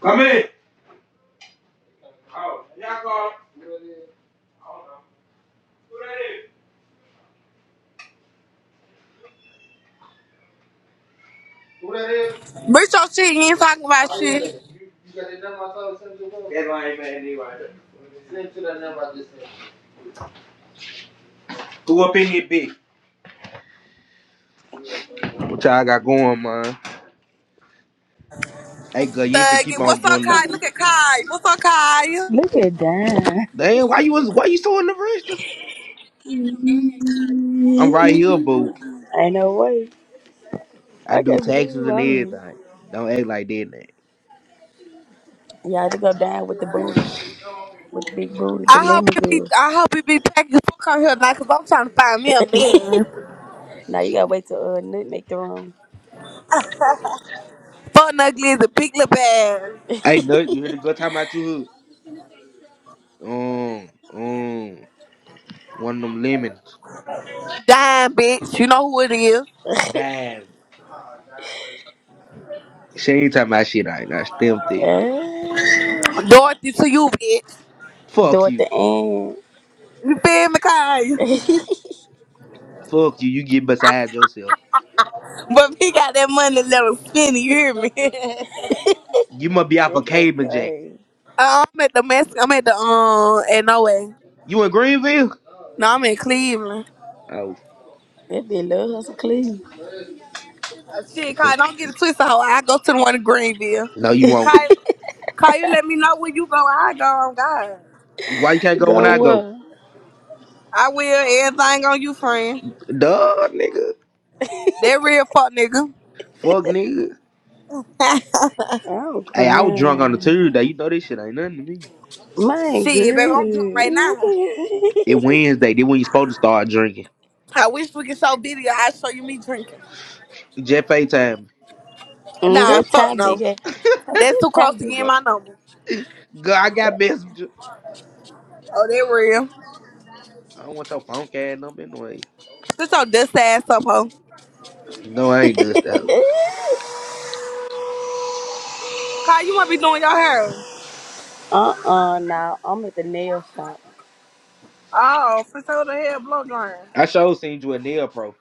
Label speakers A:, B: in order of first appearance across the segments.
A: Come in. Oh, y'all go.
B: Bitch, your shit, you ain't talking about shit.
A: Hey, lame man, anyway. Who up in here, big? What y'all got going, man? Hey, girl, you ain't finna keep
B: Thuggin'.
A: on
B: What's up,
A: doing that.
B: Kai? Look at Kai. What's up, Kai? I
C: Look at that!
A: Damn, why you was why you so in the rest? I'm right here, boo.
C: Ain't no way.
A: I
C: I
A: do
C: can't
A: taxes
C: believe
A: and
C: I'm here.
A: everything. Don't act like that. Now.
C: Y'all to go down with the booty, with the big booty, the
B: hope
C: lemon
B: it be,
C: good.
B: I hope it be packing fuck on here now, cause I'm trying to find me a man.
C: Now you gotta wait till uh, Nut make the room.
B: Fuck ugly is a big little bag.
A: Hey, nut, you hear the girl talking about you? hood? Um, um, one of them lemons.
B: Dime, bitch. You know who it is.
A: Damn, she ain't talking about shit right now. Stem thing.
C: Ah,
B: Dorothy to you, bitch.
A: Fuck
C: Dorothy
A: you.
C: Ann.
B: You feel me, Kai?
A: Fuck you. You get beside yourself.
B: But he got that money, let him spend it, you hear me?
A: You must be off a
C: That
A: of
C: go
A: cable jack.
C: crazy.
B: Uh, I'm at the mess, I'm at the, um, at no way.
A: You in Greenville?
B: No, I'm in Cleveland.
A: Oh.
C: That be love hustle clean.
B: Uh, Shit, Kai, don't get it twisted, hoe. I go to the one in Greenville.
A: No, you won't.
B: Call you, let me know where you go. I go on God.
A: Why you can't go when I
C: Go
A: go?
C: up.
B: I will. Everything on you, friend.
A: Duh, nigga.
B: That real fuck nigga.
A: Fuck, nigga.
C: I'm
A: Hey, I was drunk on the
C: crying.
A: Tuesday. You know this shit ain't nothing to me.
C: Mine
B: Shit, baby, I'm drunk right now.
A: It
C: good.
A: Wednesday. Then when you supposed to start drinking.
B: I wish we could show video. I show you me drinking.
A: Jeff A time.
C: Mm,
B: Nah,
C: that
B: fuck
C: tie
B: no.
C: big ass. Her-
B: That's
C: That
B: too
C: tie
B: close to
C: big
B: getting my number.
A: Girl, I got
C: ass.
A: messenger.
B: Oh, that real.
A: I don't want your phone card number anyway.
B: Sit your dust ass up, hoe.
A: No, I ain't dust out.
B: Kyle, you want to be doing your hair.
C: Uh uh, now I'm at the nail shop.
B: Oh, for sure the hair blow drying.
A: I sure seen you a nail pro.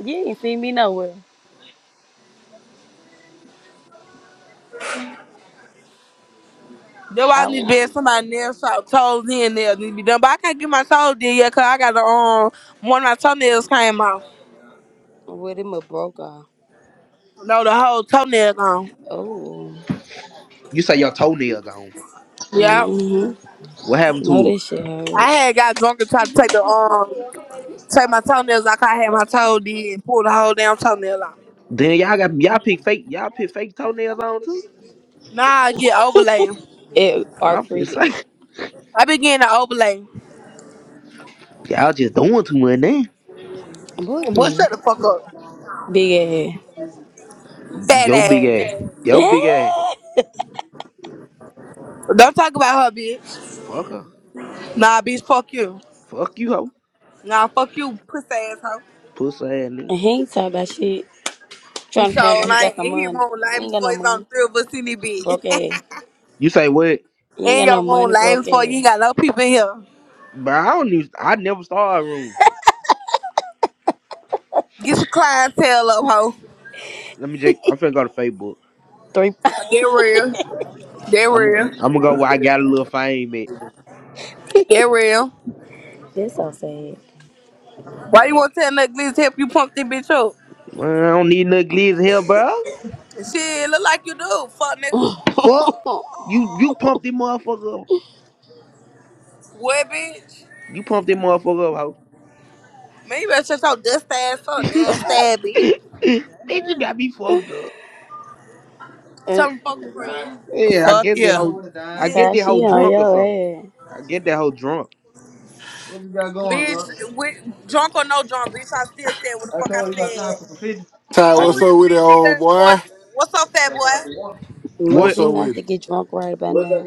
C: You ain't see me nowhere.
B: That's why I
C: I
B: need to
C: was
B: be at somebody nail shop. Toes in nails need to be done. But I can't get my toes did yet because I got the um, one of my toenails came off.
C: with him a broke off.
B: No, the whole toenail gone.
C: Oh.
A: You say your toenail gone.
B: Yeah.
C: hmm
A: What happened
C: No,
A: to
C: this
A: it?
C: shit
B: I
C: hurt.
B: had got drunk and tried to take the um take my toenails like I had my toe did and pull the whole damn toenail out.
A: Then y'all got y'all pick fake y'all pick fake toenails on too.
B: Now I get overlay.
C: It
A: I'm finna
C: arcreated.
A: say
B: I be getting the overlay.
A: y'all just doing too much then.
C: Boy,
B: Boy,
C: please.
B: shut the fuck up.
C: Big
B: Fat
A: Yo big
B: ass.
A: ass.
C: ass.
A: Yo big ass.
B: Don't talk about her, bitch.
A: Fuck her.
B: Nah, bitch, fuck you.
A: Fuck you hoe.
B: Nah, fuck you, pussy ass hoe.
A: Pussy ass nigga.
C: and he ain't talking about shit.
B: You
C: Trying to
B: so
C: front like he
B: lame.
C: got some
B: In his
C: money.
B: room,
C: He
B: lame
C: ain't got
B: before
C: no
B: it's on
C: money.
B: three of us in this bitch.
C: Broke ass.
A: You say what?
C: He ain't
B: in
C: got no
B: your room,
C: money.
B: lame
C: Broke
B: before you
C: ass.
B: ain't got no people in here.
A: Bro, I don't use. I never started rooms.
B: Get your clientele up, hoe.
A: Let me check. I'm finna go to Facebook.
C: Three.
B: They're real. They're
A: I'm
B: real.
A: I'm gonna go where I got a little fame at.
B: They're real.
C: That's so sad.
B: Why you
A: Yeah.
B: want to tell that glitch to help you pump this bitch up?
A: Man, I don't need no glitz here, bro.
B: Shit, look like you do, fuck nigga.
A: Fuck. You you pumped that motherfucker up.
B: What, bitch?
A: You pumped that motherfucker up,
B: Man, you better shut your dust ass up,
A: hoe.
B: nasty ass bitch.
A: Bitch, you got me fucked up.
B: Tell
C: and
B: them fuck your friend.
A: Yeah, I get that
B: Yeah.
A: whole. I
B: Bitch,
A: get
C: Ty,
A: that
C: she
A: whole
C: on
A: drunk or
C: your
A: something.
C: ass.
A: I get that whole drunk.
B: bitch, with, drunk or no drunk, bitch, I still said what the fuck I said.
D: Ty,
A: I
B: Who
D: what's
A: do.
D: up
B: is
D: with it,
B: BP
D: old
B: that for?
D: boy?
B: What's up, fat boy?
C: It must
D: What's
A: What?
C: be
D: up
C: nice
D: with
C: to
D: it?
C: get drunk right about now.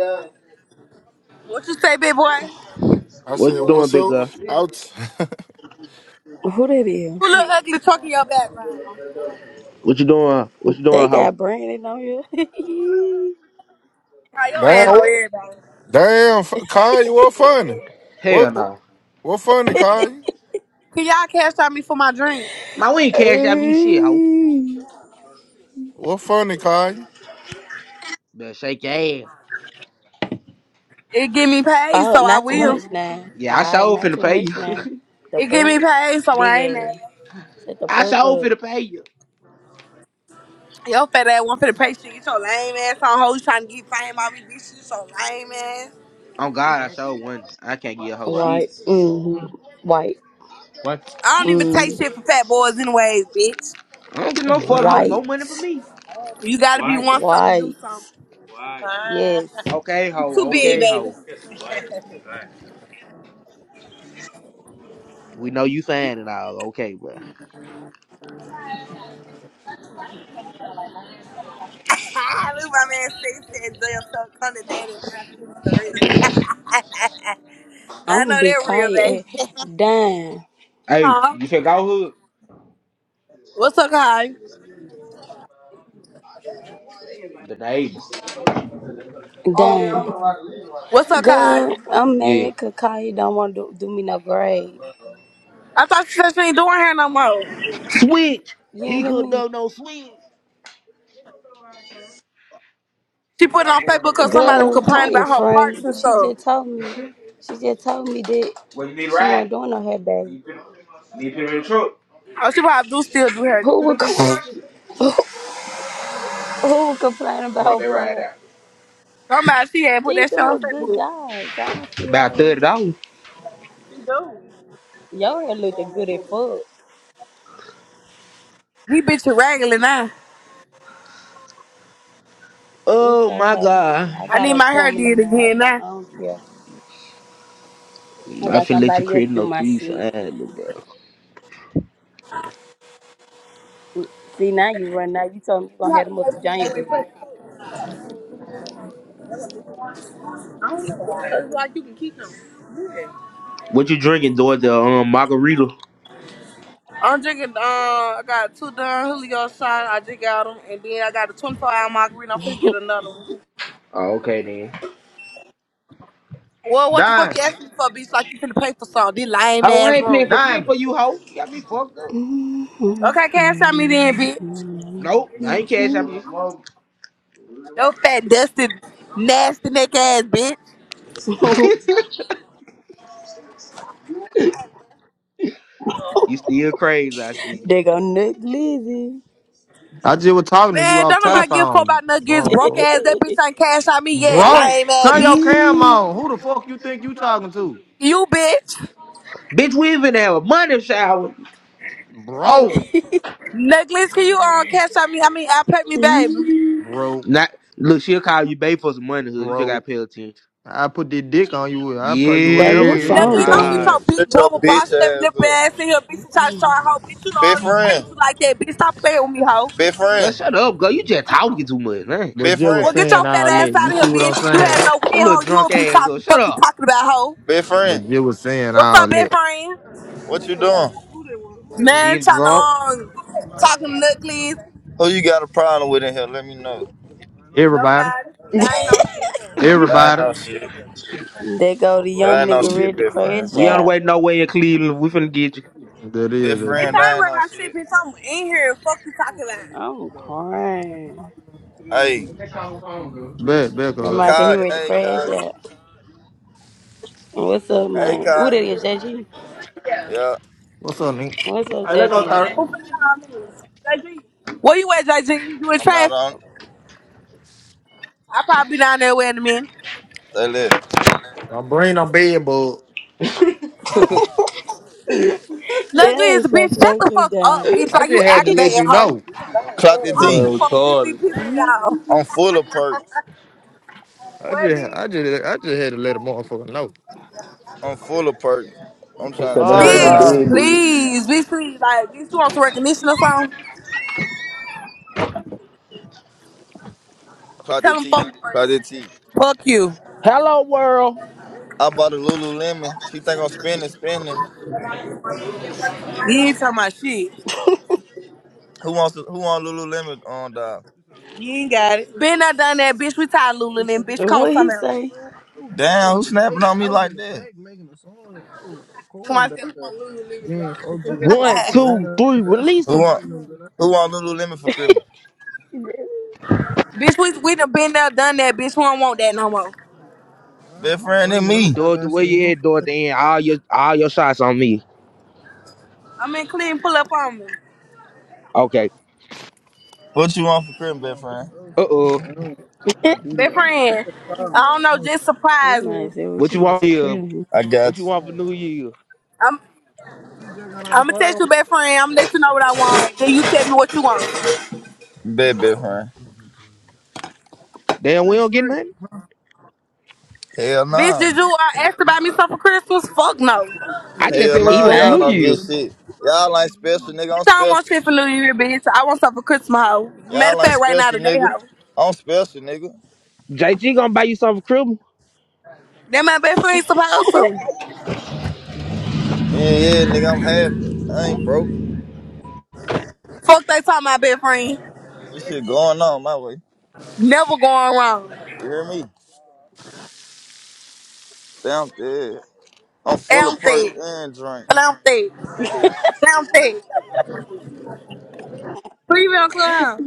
B: What you say, big boy?
D: I
A: What
D: said,
A: you doing,
D: what's
A: big
D: up?
A: girl?
D: Out,
C: Who that is?
B: Who look ugly talking your background?
A: What you doing? What you
C: They
A: doing, hoe?
C: got Brandon on you.
B: How your
D: damn,
B: ass know
D: what-
B: everybody?
D: damn, F- Kanye, what funny? What
A: Hell no. Nah.
D: what funny, Kanye?
B: Can y'all cash out me for my drink?
A: Man, we ain't cash out you shit, hoe.
C: Hey.
D: What funny, Kanye?
A: Better shake your ass.
B: It get me paid,
C: Oh,
B: so I
C: not too
B: will.
C: much now.
A: Yeah, I
C: Alright,
A: sure
C: not
A: finna
C: too
A: pay
C: much now.
A: you.
C: The
B: It get
C: fuck?
B: me paid, so
C: Big
B: I ain't mad.
C: ass. Shut the
A: I
C: fuck
A: sure
C: up.
A: finna pay you.
B: Yo, fat ass one for the pay shit. Get your lame ass on hoes trying to get fame out of me, bitch. You so lame ass.
A: Oh God, I sure won. I can't get a whole shit.
C: White. Mm-hmm. White.
B: I don't even take
C: Mm.
B: shit for fat boys anyways, bitch.
A: I don't get no fuck hoe more
C: White.
A: money for me.
B: You gotta be want something to do
C: White.
B: something.
C: Yes.
A: Okay,
B: You too
A: hoe.
B: big,
A: okay,
B: baby.
A: hoe.
B: Look
A: We know you fine and all. Okay, bro.
B: my man say said enjoy yourself, come to daddy and I'll give you the rest." I
C: I'm
B: know
C: gonna be
B: they're real, baby.
C: Kaya Damn.
A: Hey,
B: huh?
A: you should go hood.
B: What's up, Kai?
A: The neighbor.
C: Damn.
B: What's up, Kai?
C: Girl, I'm
A: Yeah.
C: mad 'cause Kaya don't want to do, do me no braid.
B: I thought she said she ain't doing hair no more.
A: Switch.
C: You ain't
A: He
C: hear
A: could
C: me?
A: do no switch.
B: She
A: What you
B: put it
A: got
B: on Facebook
A: going on,
B: because
A: bro?
B: somebody was
C: Good,
B: complaining
C: call your
B: about her parts and
C: friend. She
B: stuff.
C: just told me. She just told me that
A: What you need a
C: she
A: ride?
C: wasn't doing on her baby.
A: Need to put need to put them in the truck.
B: Oh, she probably do still do hair.
C: Who
A: Put
C: would
A: them bitches in my
C: com-
A: shit.
C: who would complain
A: Come on,
C: about
A: they ride
C: Ford?
A: out.
B: Somebody she had put
C: She
B: that shit
C: do
B: on
C: a good
B: Facebook.
C: job, so I don't see how
A: About
C: they.
A: thirty dollars.
C: Your hair looked good at foot.
B: We bitch are regular now.
C: It's
A: Oh my
C: okay.
A: god.
C: I
B: I
C: got
B: need
C: an
B: my hair
C: appointment
B: did
C: tomorrow,
B: again
C: so
B: now.
C: I don't care. I
A: I
C: got
A: finna let you
C: somebody else
A: create
C: to do
A: no
C: my
A: threes,
C: shit.
A: ad, little bro.
C: See now you run out. You told me you gonna have them up to
B: Wait,
C: January.
B: but I don't know It's Like you can keep them. Yeah.
A: What you drinking, Georgia? Um, margarita.
B: I'm drinking. Uh, I got two Don Julio shots. I just got them, and then I got a 24 hour margarita. I'm finna get another one.
A: Oh, okay then.
B: Well, what the fuck you asking me for, bitch? Like you finna pay for something? This lame
A: Ho, I
B: ass
A: ain't paying for shit
B: room.
A: for you, ho. You got me fucked up.
B: Okay, cash out me then, bitch.
A: Nope, I ain't cash out you.
B: Yo, fat, dusty, nasty neck ass bitch.
A: you still crazy, I see.
C: they gonna neglect Lizzie.
E: I just was talking to you
B: Man,
E: off
B: don't
E: time
B: nobody give a fuck
E: phone,
B: about nuggets, broke
E: motherfucker.
B: ass. That bitch ain't cash out me yet,
E: Bro,
B: lame ass
E: turn your
B: bitch.
E: cam
C: Eee,
E: on. Who the fuck you think you talking to?
B: You bitch.
A: Bitch, we even have a money shower.
E: Bro,
B: Nuggles, can you um cash out me? I mean, I pay me, baby.
C: eee.
E: bro,
A: Not look, she'll call you babe for some money. hood. You just gotta
E: bro.
A: pay attention.
E: I put the dick on you. I put you
C: Baby,
E: whatever
C: who
A: Yeah,
E: then.
C: phone
B: Nuggles, don't
C: doing
B: get your
C: it?
A: right.
B: big
F: Shut your
B: bubble boss
F: bitch
B: shaving lip
F: ass up.
B: ass in here, bitch. You try to show a hoe, bitch. You know I
F: Big
B: don't even play with you
F: friend.
B: like that, bitch. Stop playing with me, hoe.
F: Big
A: Girl,
F: friend.
A: shut up, girl. You just talking too much, man.
E: But
F: Big
E: Jill was
B: Well,
F: friend.
B: get your
E: saying
B: fat
E: all
B: ass
E: that.
B: out of
E: You
B: here,
E: see what I'm
B: bitch. If you had
E: saying?
B: no win,
A: Your little
B: hoe, you'll
A: drunk
B: be
A: ass, up.
B: talking,
A: Shut
B: fuck you
A: up.
B: talking about, hoe.
F: Big friend.
E: But Jill was saying
B: What's
E: all
B: up, best
E: that.
B: friend?
F: What you doing?
B: Man,
A: Get
B: trying to
A: drunk.
B: um talking Nuggles.
F: Who you got a problem with in here? Let me know.
E: Everybody,
B: Nobody. That ain't no shit.
F: I ain't
E: everybody.
F: no shit.
C: They go the
F: I
C: young
F: ain't no
C: nigga ready
F: shit,
C: to
F: big
C: crash
A: We
F: friend.
A: on the
C: out.
A: way nowhere in Cleveland. We finna get you.
E: That
F: Big
E: is
B: Bitch,
E: that
F: friend,
E: is.
B: I
F: I
B: ain't
F: ain't
B: worried
F: no
B: about shit,
F: shit.
B: bitch. I'm in here. Fuck you talking about.
C: I'm crying.
F: Hey,
E: Bet, bet, cuz.
C: Somebody said he
F: Kai.
C: ready to
F: Hey,
C: crash
F: Kai.
C: out. What's up,
F: Hey,
C: man? Who
F: Kai.
C: that is, JG?
F: Yeah,
E: What's up, Nick?
C: What's up,
E: Hey, let's go,
C: JG?
E: third.
B: Who finna call me? JG. Where you at, JG? You in
F: I'm out
B: traffic?
F: on.
B: I probably be down there wearing the men.
F: They live.
E: I'm bringing on bed, but
B: Luckily,
C: Tell
B: it's
C: us
B: bitch.
C: I play
B: Shut
C: with
B: the
C: you,
B: fuck up,
C: dad.
B: bitch.
E: I
B: Like you
E: just had to let
B: aggravating,
E: you
B: hoe.
E: know.
F: Clock
B: I
F: the
G: Man,
B: don't give
F: T.
B: a fuck. This be
G: retarded, man.
B: pissing
C: And
B: y'all.
F: I'm full of perks.
E: I just, I just, I just had to let a motherfucker know.
F: I'm full of perks. I'm trying to take
E: Oh yeah.
F: a hoe
A: Some
F: down.
B: bitch,
A: big boo.
B: please. Bitch, please. Like, bitch, you want some recognition or something?
F: Claudia
B: Tell them
F: T.
B: fuck.
F: Claudia T.
B: Fuck you.
A: Hello world.
F: I bought a Lululemon. She think I'm spending, spending.
B: You ain't talking about shit.
F: Who wants to, who on Lululemon on the
B: You ain't got it. Been there, done that, bitch. We tired of Lululemon, bitch. Come on,
C: what he
B: something else.
C: say?
F: Damn, who snapping on me like that? Who
B: Come on, sit- on Lululemon,
A: One,
B: y'all.
A: two, three. Release them.
F: want who on Lululemon for Christmas?
B: Bitch, we, we done been there, done that, bitch. We don't want that no more.
F: Best friend and me.
A: Do it the way you at. Do it the All your all your shots on me.
B: I'm in clean, pull up on me.
A: Okay.
F: What you want for Christmas, best friend?
A: Uh oh.
B: Best friend. I don't know, just surprise me.
C: Somebody said, what
A: What
C: you
A: you
C: want
A: want
C: for
A: here?
C: Christmas?
F: I got
A: What you want for
F: you.
A: New Year?
B: I'm I'm gonna text you back, friend. I'm gonna let you know what I want. and Then you tell me what you want.
F: Bet, best friend.
A: Damn, we don't get nothing.
F: Hell
B: Bitch,
F: nah.
B: did you uh, ask to buy me something for Christmas? Fuck no.
A: I just
F: Hell
A: said what
C: He
A: you
F: nah,
A: want for
F: y'all
A: New
C: lying.
F: don't get
A: Year.
F: shit. Y'all ain't special, nigga. I'm
B: Bitch, I don't want
F: special.
B: shit for New Year, bitch. I want something for Christmas, hoe. Matter of
F: Y'all ain't
B: fact, right now
F: special,
B: today,
F: nigga.
B: hoe.
F: I'm special, nigga.
A: JG gonna buy you something for Christmas.
B: That my best friend supposed to.
F: Yeah, yeah, nigga, I'm having it. I ain't broke.
B: Fuck they talking my best friend.
F: This shit going on my way.
B: Never going wrong.
F: You hear me? Down there. I'm
B: And
F: full
B: I'm
F: of perk
B: thick.
F: and drink.
B: And I'm thick. I'm thick. Who you been on club?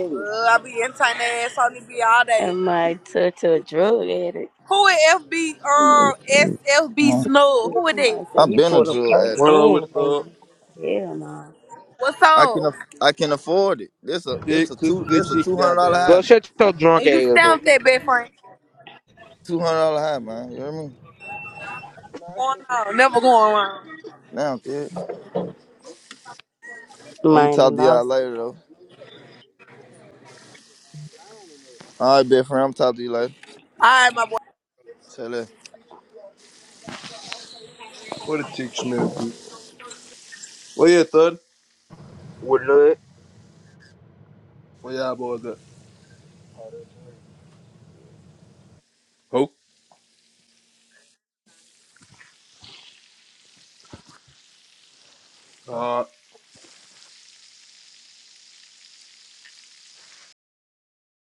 B: Uh, I be entertaining their ass on the B all day.
C: And my touch a drug addict.
B: Who is FB, uh, SFB Snug? Who is that?
C: Somebody said
F: I've
C: he
F: been a
C: pulled a
F: drug
C: perk
F: addict.
G: Run on with
C: in,
G: the thug.
C: baby. Hell no.
B: What's
F: I can
B: up?
F: aff- I can afford it. This a it's a
G: Shit, cooking
F: two
G: good
F: it's a two
G: chicken,
F: hundred dollar
G: goddamn.
F: high.
A: Go shut your drunk
B: And you
A: ass up.
B: stamped that, best friend.
F: Two hundred dollar high, man. You hear me?
B: Going on, never going wrong.
F: Now there. I'm gonna
C: Mind
F: talk
C: and
F: to y'all
C: lost.
F: later though. All right, big friend. I'm gonna talk to you later.
B: All right, my boy.
F: Tell
G: What a chicken smell good. Where you at, thud?
A: What?
G: Where y'all boys at? Who? All right.